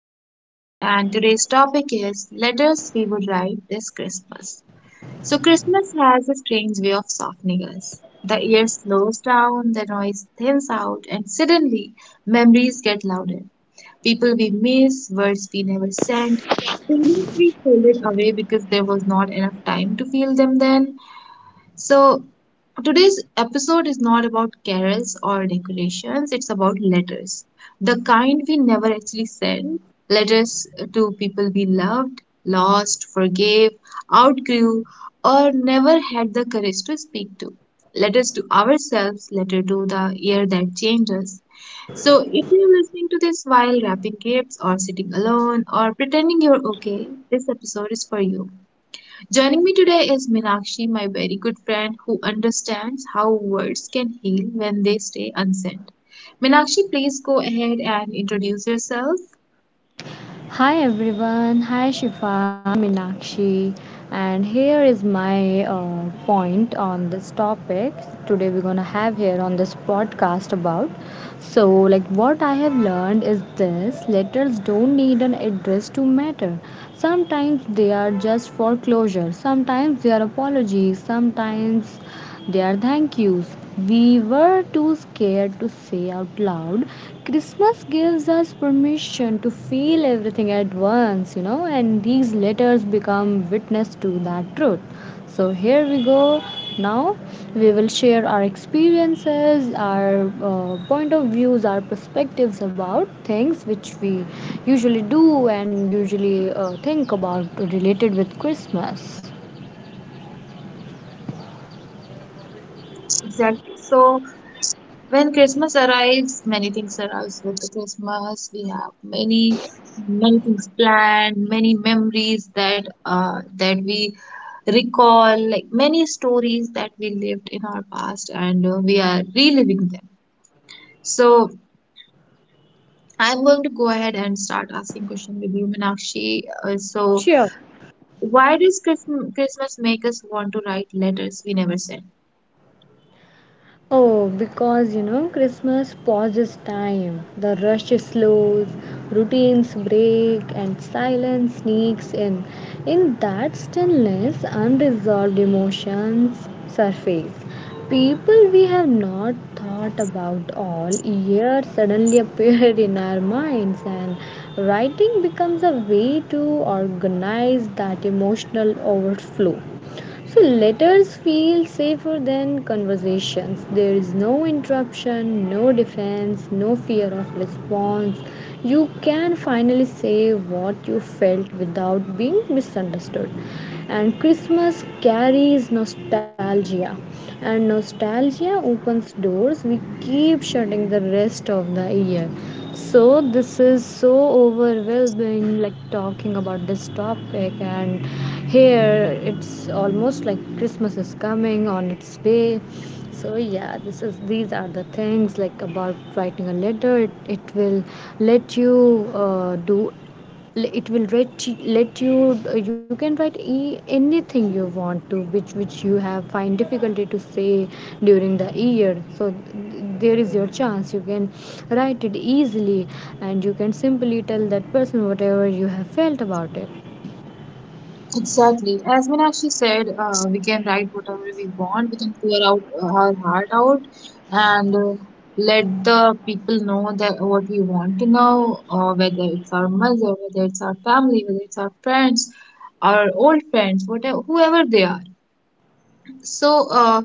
podcast, and today's topic is letters we would write this Christmas. So, Christmas has a strange way of softening us. The air slows down, the noise thins out, and suddenly memories get louder. People we miss, words we never sent, feelings we folded away because there was not enough time to feel them then. So, today's episode is not about carols or decorations, it's about letters. The kind we never actually send, letters to people we loved, lost, forgave, outgrew, or never had the courage to speak to. Letters to ourselves, letter to the year that changed us. So, if you're listening to this while wrapping gifts or sitting alone or pretending you're okay, this episode is for you. Joining me today is Meenakshi, my very good friend who understands how words can heal when they stay unsaid. Meenakshi, please go ahead and introduce yourself. Hi everyone, hi Shifa, I'm Minakshi, and here is my point on this topic. Today we're gonna have here on this podcast about. So, like, what I have learned is this letters don't need an address to matter. Sometimes they are just for closure, sometimes they are apologies, sometimes their thank yous. We were too scared to say out loud. Christmas gives us permission to feel everything at once, and these letters become witness to that truth. So here we go. Now we will share our experiences, our point of views, our perspectives about things which we usually do and usually think about related with Christmas. Exactly. So, when Christmas arrives, many things arrives with the Christmas. We have many things planned, many memories that we recall, like many stories that we lived in our past, and we are reliving them. So, I'm going to go ahead and start asking questions with you, Meenakshi. So, Sure. why does Christmas make us want to write letters we never sent? Oh, because Christmas pauses time. The rush slows, routines break, and silence sneaks in. In that stillness, unresolved emotions surface. People we have not thought about all year suddenly appear in our minds, and writing becomes a way to organize that emotional overflow. So letters feel safer than conversations. There is no interruption, no defense, no fear of response. You can finally say what you felt without being misunderstood. And Christmas carries nostalgia, and nostalgia opens doors we keep shutting the rest of the year. So this is so overwhelming, like talking about this topic, and here it's almost like Christmas is coming on its way. So yeah, this is these are the things, like, about writing a letter. It will let you do l- it will let you can write anything you want to, which you have find difficulty to say during the year, so there is your chance. You can write it easily, and you can simply tell that person whatever you have felt about it. Exactly. As Meenakshi said, we can write whatever we want. We can pour out our heart out, and let the people know that what we want to know, whether it's our mother, whether it's our family, whether it's our friends, our old friends, whatever, whoever they are. So, uh,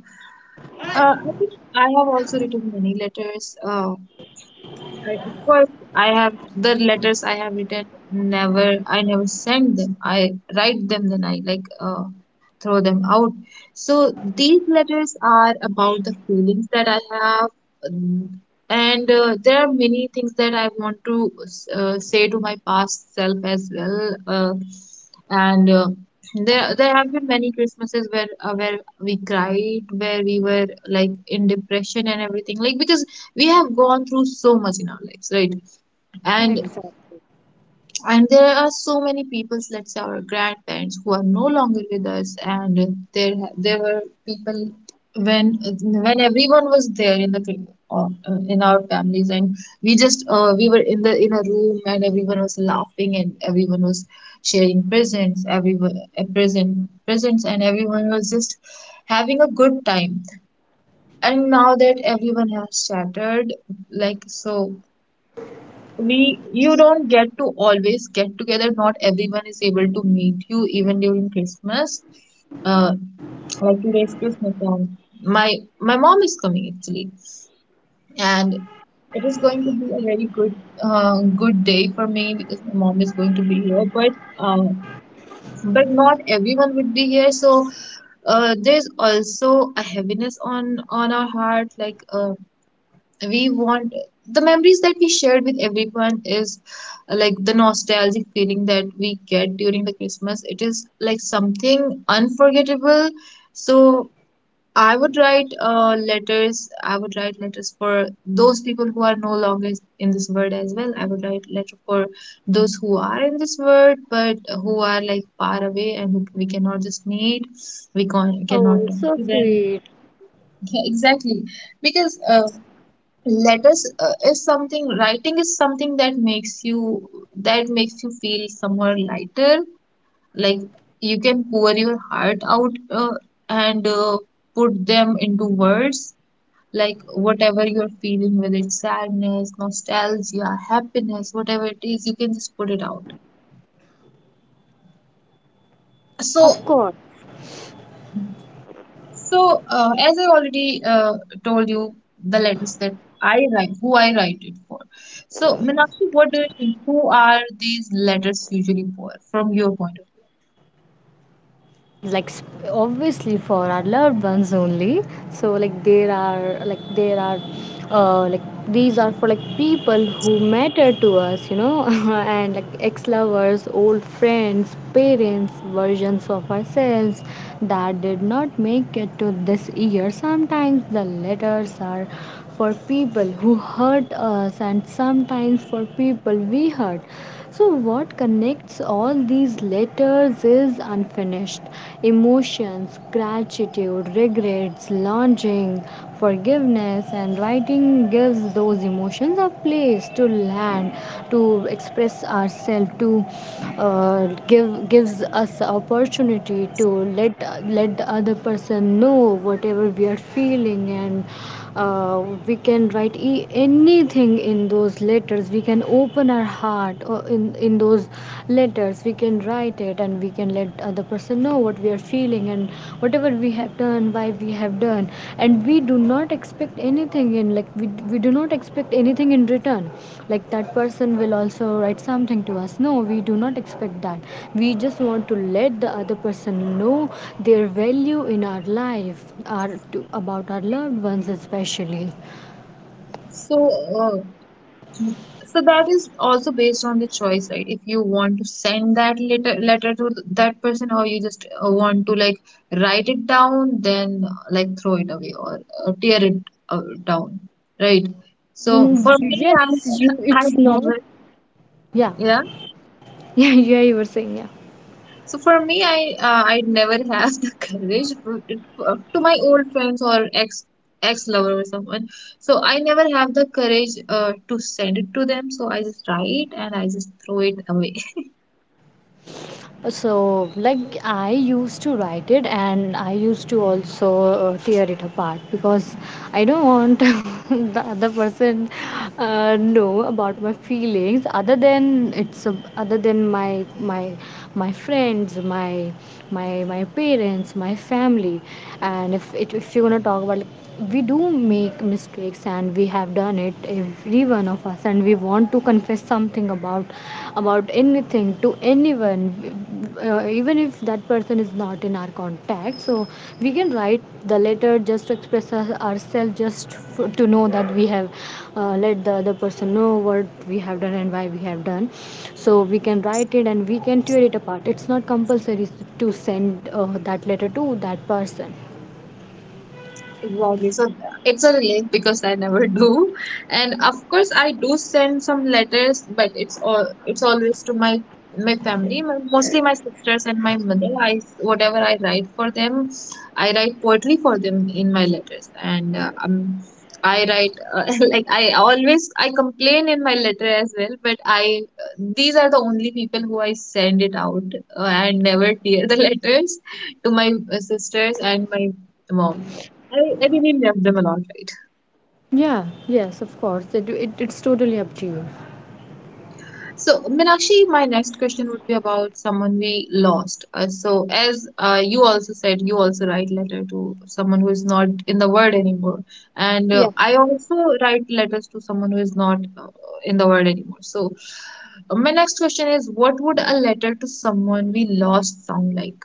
uh, I think I have also written many letters. I, of course, I have the letters I have written. Never, I never send them. I write them, then I like, throw them out. So these letters are about the feelings that I have, mm, and there are many things that I want to say to my past self as well. And uh, there have been many Christmases where we cried, where we were like in depression and everything, like which is we have gone through so much in our lives, right? And Exactly. There are so many people, let's say our grandparents, who are no longer with us. And there were people when everyone was there in the in our families, and we just, we were in the in a room, and everyone was laughing and everyone was sharing presents, everyone presents, and everyone was just having a good time. And now that everyone has shattered, like, so we, you don't get to always get together, not everyone is able to meet you even during Christmas. uh like today's Christmas, and my my mom is coming actually, and it is going to be a very good day for me because my mom is going to be here. But uh, but not everyone would be here. So, there's also a heaviness on our heart. Like, we want, the memories that we shared with everyone is, like the nostalgic feeling that we get during the Christmas, it is like something unforgettable. So I would write letters, I would write letters for those people who are no longer in this world as well. I would write letter for those who are in this world but who are like far away and who we cannot just meet, we Oh, cannot talk so to them. sweet. Yeah, exactly, because, let us is something writing is something that makes you, feel somewhere lighter. Like, you can pour your heart out, and put them into words, like whatever you're feeling, whether it's sadness, nostalgia, happiness, whatever it is, you can just put it out. Of So, course. As I already, told you, the letters that I write, who I write it for. So, Meenakshi, what do you think? Who are these letters usually for, from your point of view? Like obviously for our loved ones only, so, like, there are like there are like these are for, like, people who matter to us. And, like, ex-lovers, old friends, parents, versions of ourselves that did not make it to this year. Sometimes the letters are for people who hurt us, and sometimes for people we hurt. So, what connects all these letters is unfinished emotions, gratitude, regrets, longing, forgiveness, and writing gives those emotions a place to land, to express ourselves, to uh, gives us opportunity to let let the other person know whatever we are feeling. And we can write anything in those letters, we can open our heart, or in those letters we can write it, and we can let other person know what we are feeling and whatever we have done, why we have done. And we do not expect anything in, like we do not expect anything in return, like that person will also write something to us. No, we do not expect that. We just want to let the other person know their value in our life, our about our loved ones especially. So, uh, that is also based on the choice, right? If you want to send that letter to that person, or you just, want to like write it down, then, like throw it away or tear it down, right? So, Mm, for me, I yes. I It's not. never, Yeah, yeah. yeah, yeah, you were saying, yeah. So for me, I, I never have the courage to my old friends or ex lover or someone. So I never have the courage to send it to them. So I just write and I just throw it away. So, like, I used to write it, and I used to also tear it apart because I don't want the other person know about my feelings, other than other than my friends, my parents, my family. And if if you're gonna talk about, like, we do make mistakes, and we have done it every one of us, and we want to confess something about anything to anyone, even if that person is not in our contact, so we can write the letter just to express ourselves just to know that we have let the other person know what we have done and why we have done. So we can write it and we can tear it apart. It's not compulsory to send that letter to that person. Exactly. So, it's a relief because I never do. And of course I do send some letters, but it's all, it's always to my, my family, my, mostly my sisters and my mother. I, whatever I write for them, I write poetry for them in my letters. And I write, like I always, I complain in my letter as well, but I, these are the only people who I send it out. I never tear the letters to my sisters and my mom. I really love them a lot, right? Yeah, yes, of course, it's totally up to you, So, Meenakshi, my next question would be about someone we lost. So, as you also said, you also write letter to someone who is not in the world anymore, and yeah. I also write letters to someone who is not in the world anymore. So, my next question is, what would a letter to someone we lost sound like?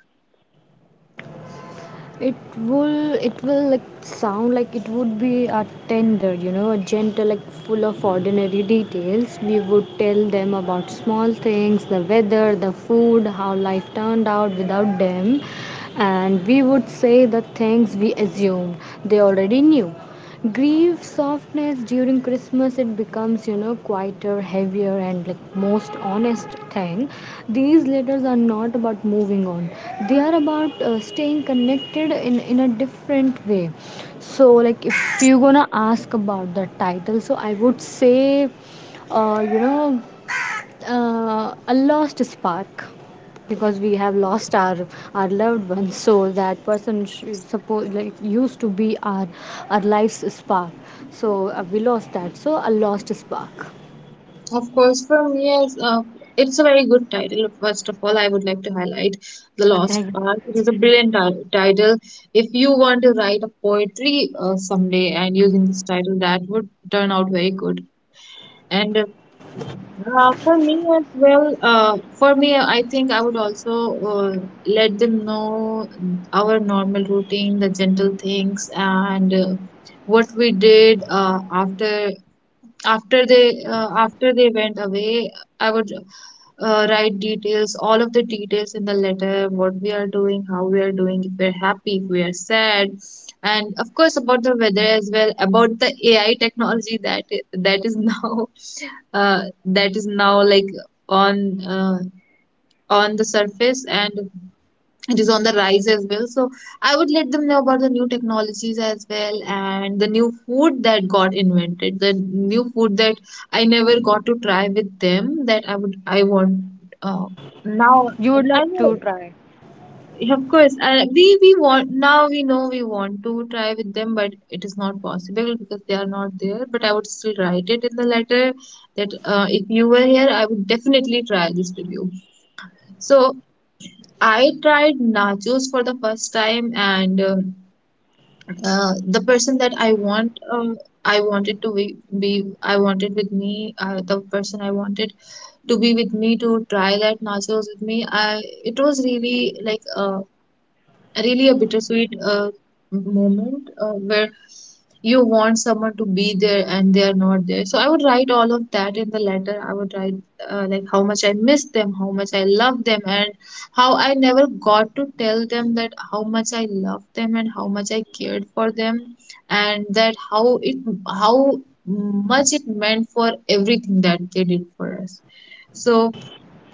It will like sound like it would be a tender, a gentle, like, full of ordinary details. We would tell them about small things, the weather, the food, how life turned out without them. And we would say the things we assumed they already knew. Grieve softness during Christmas, it becomes, quieter, heavier, and, like, most honest thing. These letters are not about moving on, they are about staying connected in a different way. So, like, if you're gonna ask about the title, so I would say, uh, you know a lost spark, because we have lost our loved ones, so that person should suppose, like, used to be our life's spark. So we lost that, so a lost spark. Of course, for me, as, it's a very good title. First of all, I would like to highlight The Lost Thank. Path. It is a brilliant title. If you want to write a poetry someday and using this title, that would turn out very good. And Uh, for me as well, uh, for me, I think I would also, uh, let them know our normal routine, the gentle things, and, what we did after after they, after they went away. I would, write details, all of the details in the letter, what we are doing, how we are doing, if we're happy, if we are sad, and of course about the weather as well, about the AI technology that is now, that is now like on, on the surface, and it is on the rise as well. So I would let them know about the new technologies as well, and the new food that got invented, the new food that I never got to try with them, that I would, I want, now. You would love I know. to try. Yeah, of course, we want, now we know we want to try with them, but it is not possible because they are not there. But I would still write it in the letter, that, if you were here, I would definitely try this with you. So, I tried nachos for the first time, and the person that I want, I wanted to I wanted with me, the person I wanted to be with me to try that nachos with me. I It was really like a really a bittersweet moment where you want someone to be there and they are not there. So I would write all of that in the letter. I would write, like how much I miss them, how much I love them, and how I never got to tell them that how much I loved them and how much I cared for them, and that how it how much it meant for everything that they did for us. So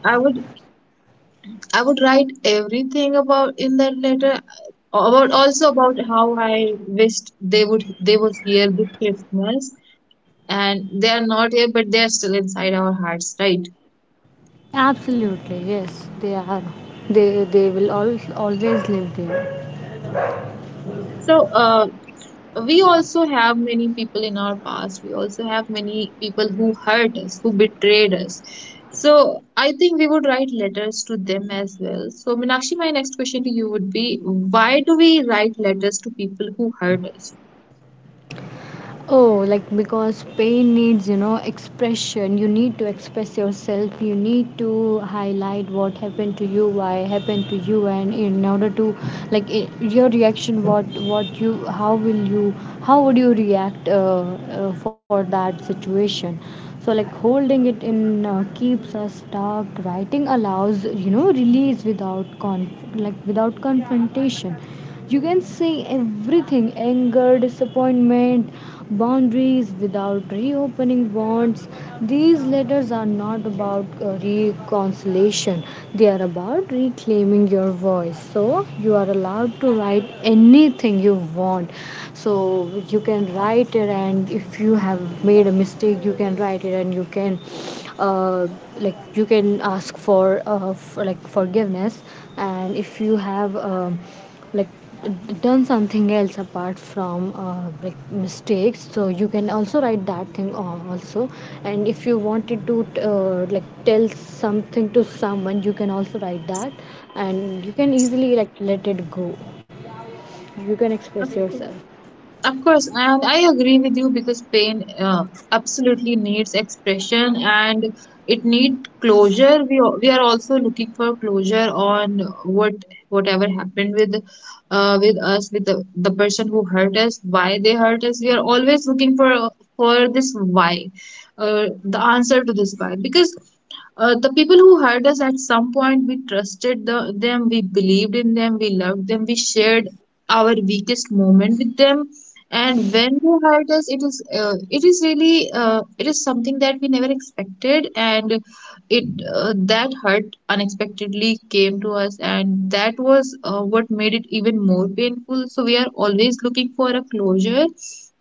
I would I would write everything about in that letter, about, also about how I wished they would, they was here this Christmas, and they are not here, but they are still inside our hearts, right? Absolutely, yes, they are. They will all always live there. So, we also have many people in our past, we also have many people who hurt us, who betrayed us. So I think we would write letters to them as well. So Meenakshi, my next question to you would be, why do we write letters to people who hurt us? Oh, like because pain needs, expression. You need to express yourself. You need to highlight what happened to you, why happened to you, and in order to, like, I your reaction, what you, how will you, how would you react for that situation? So, like, holding it in keeps us stuck. Writing allows, release without confrontation. You can say everything: anger, disappointment, boundaries without reopening bonds. These letters are not about reconciliation, they are about reclaiming your voice. So, you are allowed to write anything you want. So, you can write it, and if you have made a mistake, you can write it, and uh, you can ask for like, forgiveness. And if you have like done something else apart from like mistakes, so you can also write that thing also. And if you wanted to like tell something to someone, you can also write that. And you can easily, like, let it go. You can Of express course. yourself. Of course, and I agree with you, because pain, absolutely needs expression, and it need closure. We, we are also looking for closure on what whatever happened with, with us, with the person who hurt us, why they hurt us. We are always looking for, this why, the answer to this why, because, the people who hurt us at some point, we trusted them, we believed in them, we loved them, we shared our weakest moment with them. And when they hurt us, it is really it is something that we never expected, and it that hurt unexpectedly came to us, and that was what made it even more painful. So we are always looking for a closure,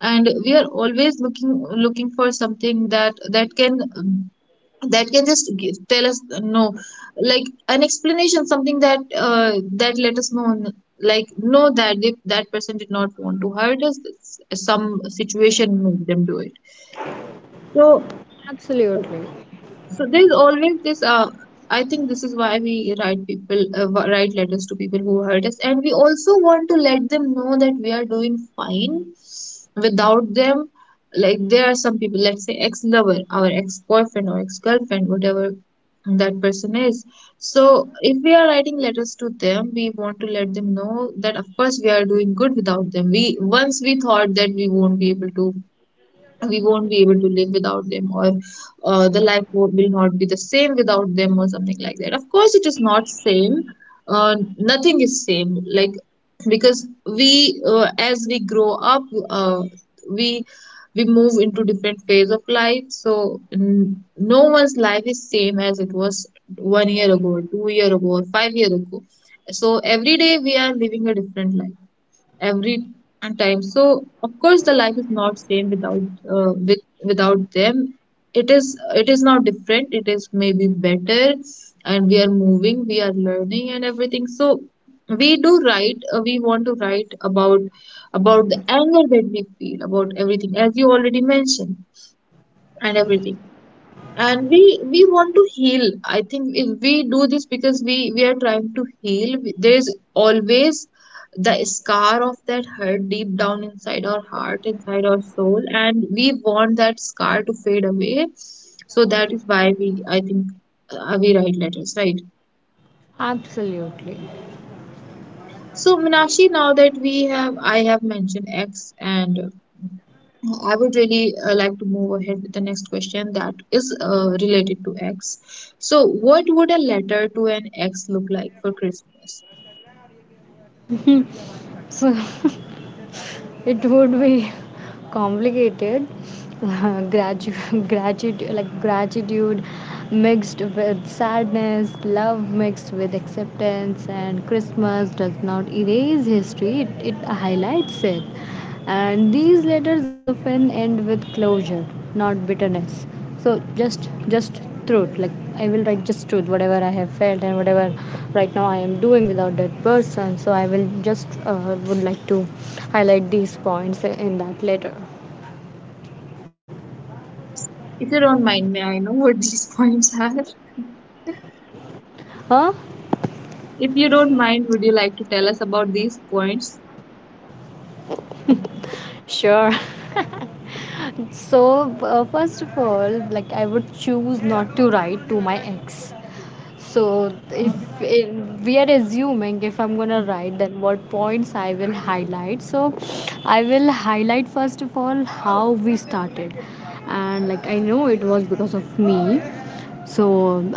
and we are always looking for something that that can just tell us no like an explanation, something that that let us know know that if that person did not want to hurt us, some situation made them do it. so Absolutely. so there's always this. I think this is why we write people write letters to people who hurt us, and we also want to let them know that we are doing fine without them. Like there are some people, let's say ex-lover, our ex-boyfriend or ex-girlfriend, whatever that person is. So if we are writing letters to them, we want to let them know that of course we are doing good without them. We Once we thought that we won't be able to live without them, or the will not be the same without them, or something like that. Of course it is not same, nothing is same, like, because we as we grow up, uh, we we move into different phase of life, so no one's life is same as it was 1 year ago, 2 year ago, or 5 year ago. So every day we are living a different life every time. So of course the life is not same without without them. It is now different, it is maybe better, and we are moving, we are learning and everything. So we do write, we want to write about the anger that we feel, about everything, as you already mentioned, and everything. And we want to heal, I think, if we do this, because we are trying to heal. There is always the scar of that hurt deep down inside our heart, inside our soul, and we want that scar to fade away. So that is why we I think we write letters, right? Absolutely. So, Meenakshi, now that we have I have mentioned X, and I would really like to move ahead with the next question, that is related to X. So, what would a letter to an X look like for Christmas? So it would be complicated. Gratitude, like gratitude mixed with sadness, love mixed with acceptance. And Christmas does not erase history, it highlights it, and these letters often end with closure, not bitterness. So just, just truth. Like, I will write just truth, whatever I have felt and whatever right now I am doing without that person. So I will just would like to highlight these points in that letter. If you don't mind, may I know what these points are? Huh? If you don't mind, would you like to tell us about these points? Sure. So, first of all, like, I would choose not to write to my ex. So if it, we are assuming if I'm gonna write, then what points I will highlight. So I will highlight first of all how we started, and like I know it was because of me, so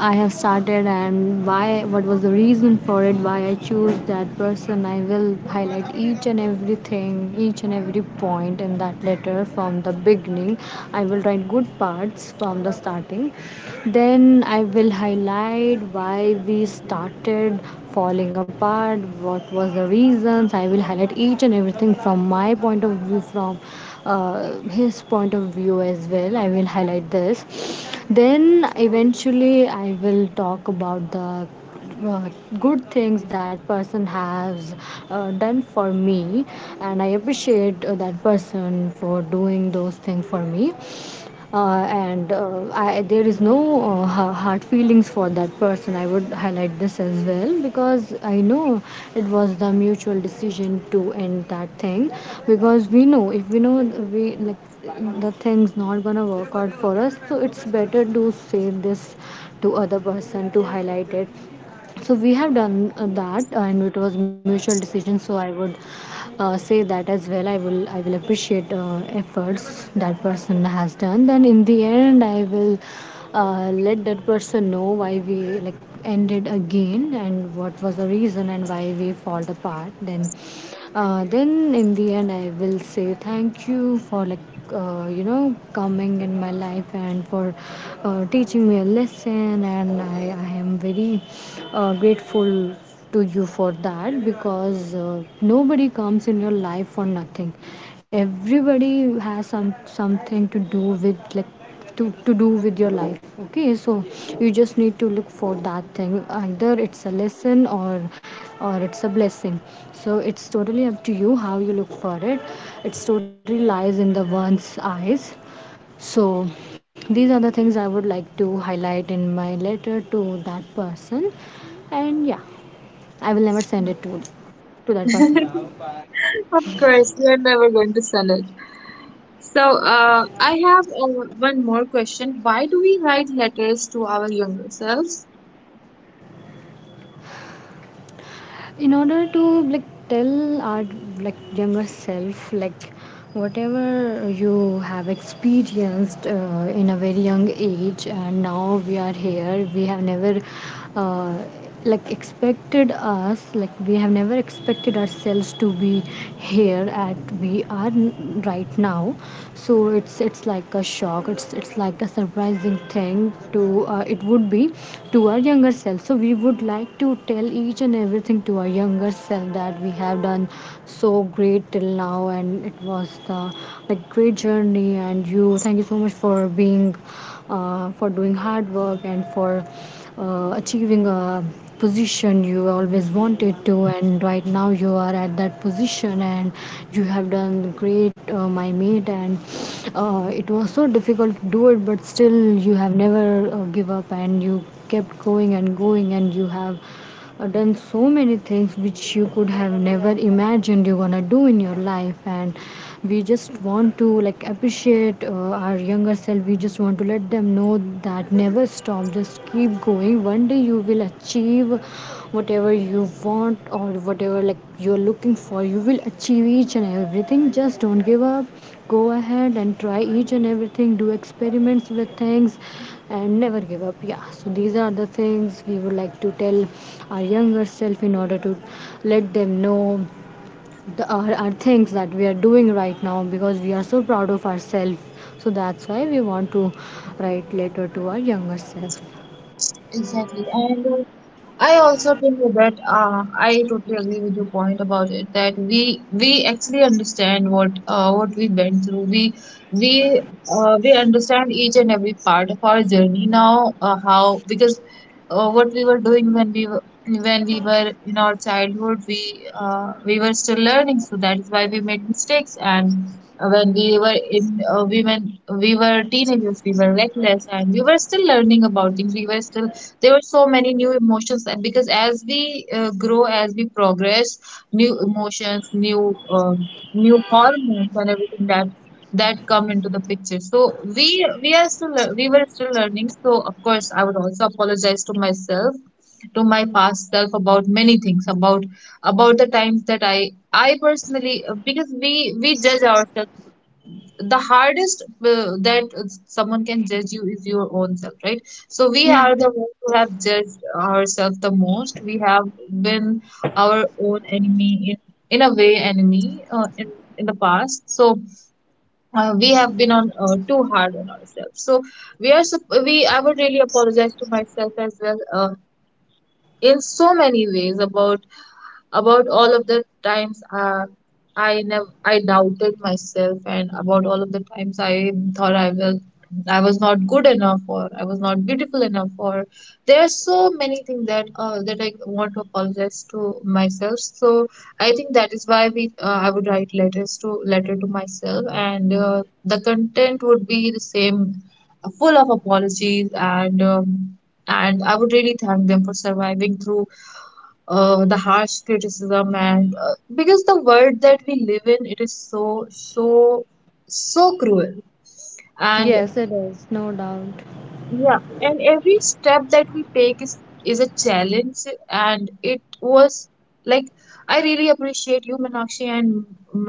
I have started, and why, what was the reason for it, why I choose that person. I will highlight each and everything, each and every point in that letter, from the beginning. I will write good parts from the starting, then I will highlight why we started falling apart, what was the reasons. I will highlight each and everything from my point of view, from uh, his point of view as well. I will highlight this. Then eventually, I will talk about the uh, good things that person has done for me, and I appreciate that person for doing those things for me. There is no hard feelings for that person. I would highlight this as well because I know it was the mutual decision to end that thing. Because we know, if we know we like, the thing's not gonna work out for us, so it's better to say this to other person, to highlight it. So we have done that, and it was mutual decision, so I would say that as well. I will appreciate efforts that person has done. Then in the end, I will let that person know why we, like, ended again, and what was the reason, and why we fall apart. Then in the end, I will say thank you for, like, coming in my life, and for teaching me a lesson. And I am very grateful to you for that, because nobody comes in your life for nothing. Everybody has something to do with, like, to do with your life, okay. So you just need to look for that thing, either it's a lesson or it's a blessing. So it's totally up to you how you look for it. It's totally lies in the one's eyes. So these are the things I would like to highlight in my letter to that person. And yeah, I will never send it to that person. Of course, we are never going to sell it. So, I have one more question. Why do we write letters to our younger selves? In order to, like, tell our, like, younger self, like, whatever you have experienced in a very young age, and now we are here, we have never uh, like expected us, like we have never expected ourselves to be here at we are right now. So it's like a shock vlog, it's like a surprising thing to it would be to our younger self. So we would like to tell each and everything to our younger self, that we have done so great till now and it was the like great journey. And you thank you so much for being for doing hard work and for achieving a position you always wanted to, and right now you are at that position and you have done great, my mate. And it was so difficult to do it, but still you have never give up, and you kept going and going, and you have or done so many things which you could have never imagined you're gonna do in your life. And we just want to like appreciate, our younger self. We just want to let them know that never stop, just keep going, one day you will achieve whatever you want or whatever like you're looking for. You will achieve each and everything, just don't give up. Go ahead and try each and everything, do experiments with things and never give up. Yeah, so these are the things we would like to tell our younger self, in order to let them know the our things that we are doing right now, because we are so proud of ourselves. So that's why we want to write letter to our younger self. Exactly. And. I also think that I totally agree with your point about it, that we actually understand what we went through. We we understand each and every part of our journey now. How? Because what we were doing when we were in our childhood, we were still learning, so that is why we made mistakes. And when we were teenagers, we were reckless, and we were still learning about things. We were still, there were so many new emotions, and because as we grow, as we progress, new emotions, new um, new hormones and everything, that that come into the picture. So we were still learning, so of course I would also apologize to myself, to my past self, about many things, about the times that I personally, because we judge ourselves the hardest. That someone can judge you is your own self, right? So we are the ones who have judged ourselves the most. We have been our own enemy in a way, enemy in the past. So we have been on too hard on ourselves. So we are sup- we I would really apologize to myself as well, in so many ways, about all of the times I never I doubted myself, and about all of the times I thought I was not good enough, or I was not beautiful enough, or there are so many things that that I want to apologize to myself. So I think that is why we I would write letter to myself, and the content would be the same, full of apologies, and I would really thank them for surviving through the harsh criticism. And because the world that we live in, it is so, so, so cruel. And Yes, it is, no doubt. yeah, and every step that we take is a challenge, and it was, like, I really appreciate you, Meenakshi, and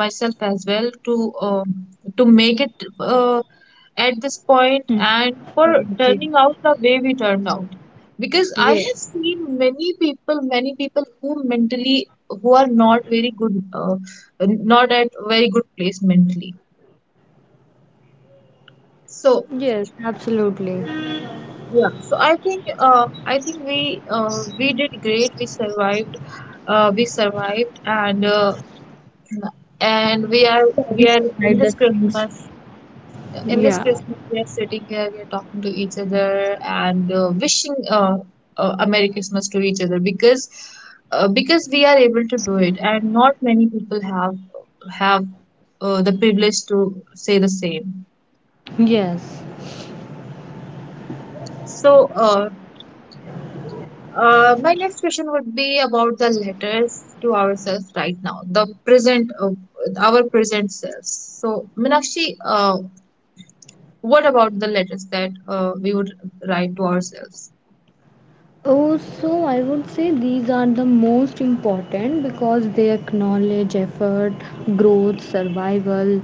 myself as well to make it uh, at this point, and for Thank you. turning out the way we turned out. Because I Yes, have seen many people, many people who mentally, who are not very good, not at very good place mentally. So yes, absolutely. yeah, so I think I think we, we did great, we survived, we survived, and we are, Yeah, we should we are write in those this things. christmas, in Yeah, this Christmas, we are sitting here, we are talking to each other, and wishing a Merry Christmas to each other, because we are able to do it, and not many people have the privilege to say the same. yes. So, my next question would be about the letters to ourselves right now, the present, our present selves. So, Minakshi, what about the letters that we would write to ourselves? Oh, so I would say these are the most important because they acknowledge effort, growth, survival.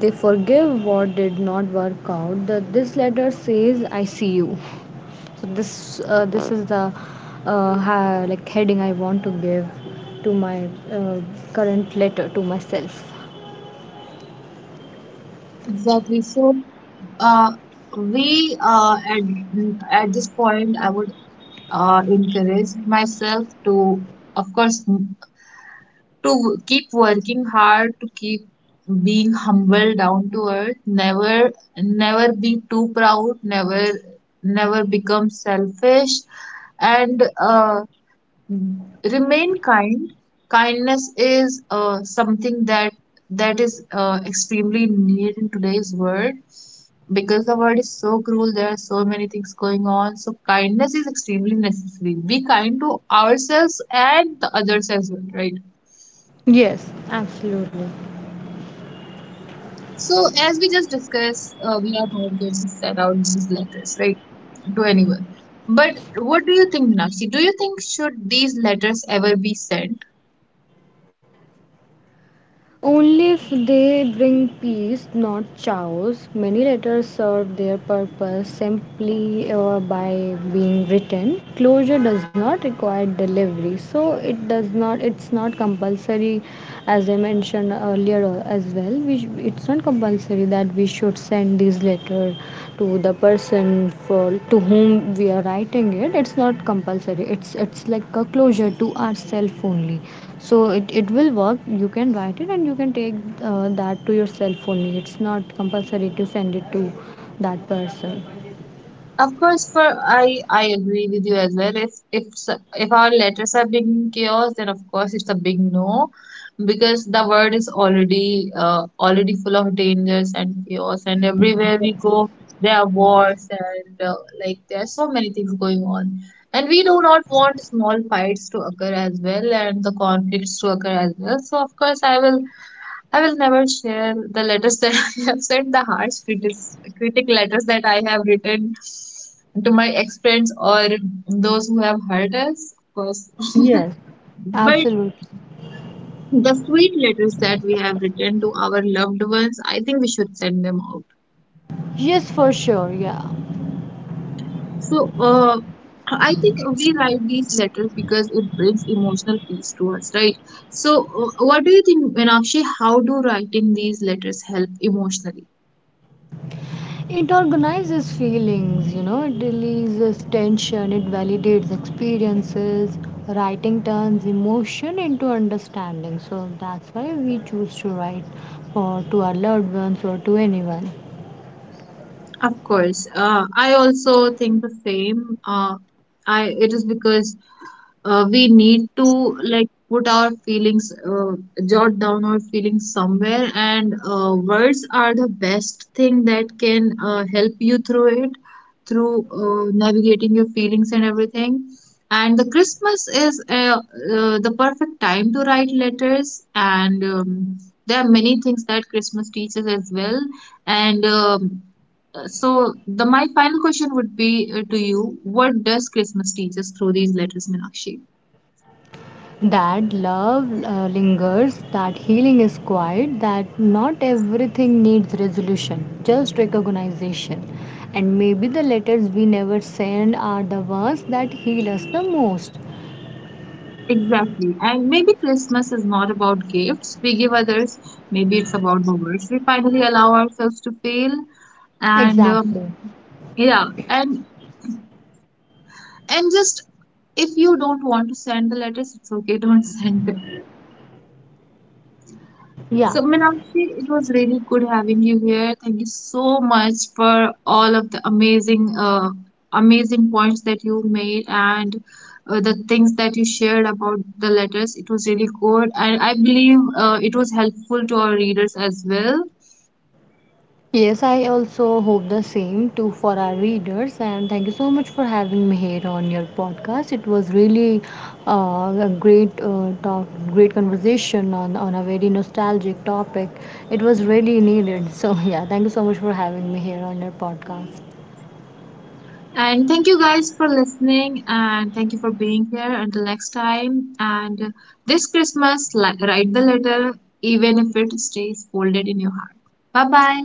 They forgive what did not work out. This letter says, "I see you." So this this is the like heading I want to give to my current letter to myself. Exactly. So, uh, we at this point, I would encourage myself to, of course, to keep working hard, to keep being humble, down to earth, never be too proud, never become selfish, and remain kind. Kindness is something that that is extremely needed in today's world, because the world is so cruel, there are so many things going on. So kindness is extremely necessary. Be kind to ourselves and the others as well, right? Yes, absolutely. So, as we just discussed, we are not going to set out these letters, right, to anyone. But what do you think, Minakshi? Do you think should these letters ever be sent? Only if they bring peace, not chaos. Many letters serve their purpose simply by being written. Closure does not require delivery, so it does not. It's not compulsory, as I mentioned earlier as well. It's not compulsory that we should send this letter to the person for to whom we are writing it. It's not compulsory, it's like a closure to ourselves only. So it will work. You can write it and you can take that to yourself only. It's not compulsory to send it to that person. Of course, for I agree with you as well. If if our letters are being chaos, then of course it's a big no, because the world is already already full of dangers and chaos, and everywhere we go, there are wars and there are so many things going on, and we do not want small fights to occur as well, and the conflicts to occur as well. So of course, I will never share the letters that I have sent, the harsh critic letters that I have written to my ex-friends, or those who have hurt us, of course. Yes, But absolutely. the sweet letters that we have written to our loved ones, I think we should send them out. Yes, for sure, yeah. So, I think we write these letters because it brings emotional peace to us, right? So, what do you think, Meenakshi? How do writing these letters help emotionally? It organizes feelings, you know, it releases tension, it validates experiences. Writing turns emotion into understanding. So that's why we choose to write for to our loved ones or to anyone. Of course. I also think the same. I, it is because we need to, like, put our feelings, jot down our feelings somewhere, and words are the best thing that can help you through it, through navigating your feelings and everything. And the Christmas is the perfect time to write letters, and there are many things that Christmas teaches as well. And so, the my final question would be to you: what does Christmas teach us through these letters, Meenakshi? That love lingers, that healing is quiet, that not everything needs resolution, just recognition. And maybe the letters we never send are the ones that heal us the most. Exactly, and maybe Christmas is not about gifts we give others. Maybe it's about the words we finally allow ourselves to fail. And Exactly. yeah, and just, if you don't want to send the letters, it's okay. Don't send them. Yeah. So, Meenakshi, it was really good having you here. Thank you so much for all of the amazing, amazing points that you made, and the things that you shared about the letters. It was really good, and I believe it was helpful to our readers as well. Yes, I also hope the same too for our readers. And thank you so much for having me here on your podcast. It was really a great talk, great conversation on a very nostalgic topic. It was really needed. So, yeah, thank you so much for having me here on your podcast. And thank you guys for listening, and thank you for being here. Until next time, and this Christmas, write the letter, even if it stays folded in your heart. Bye bye.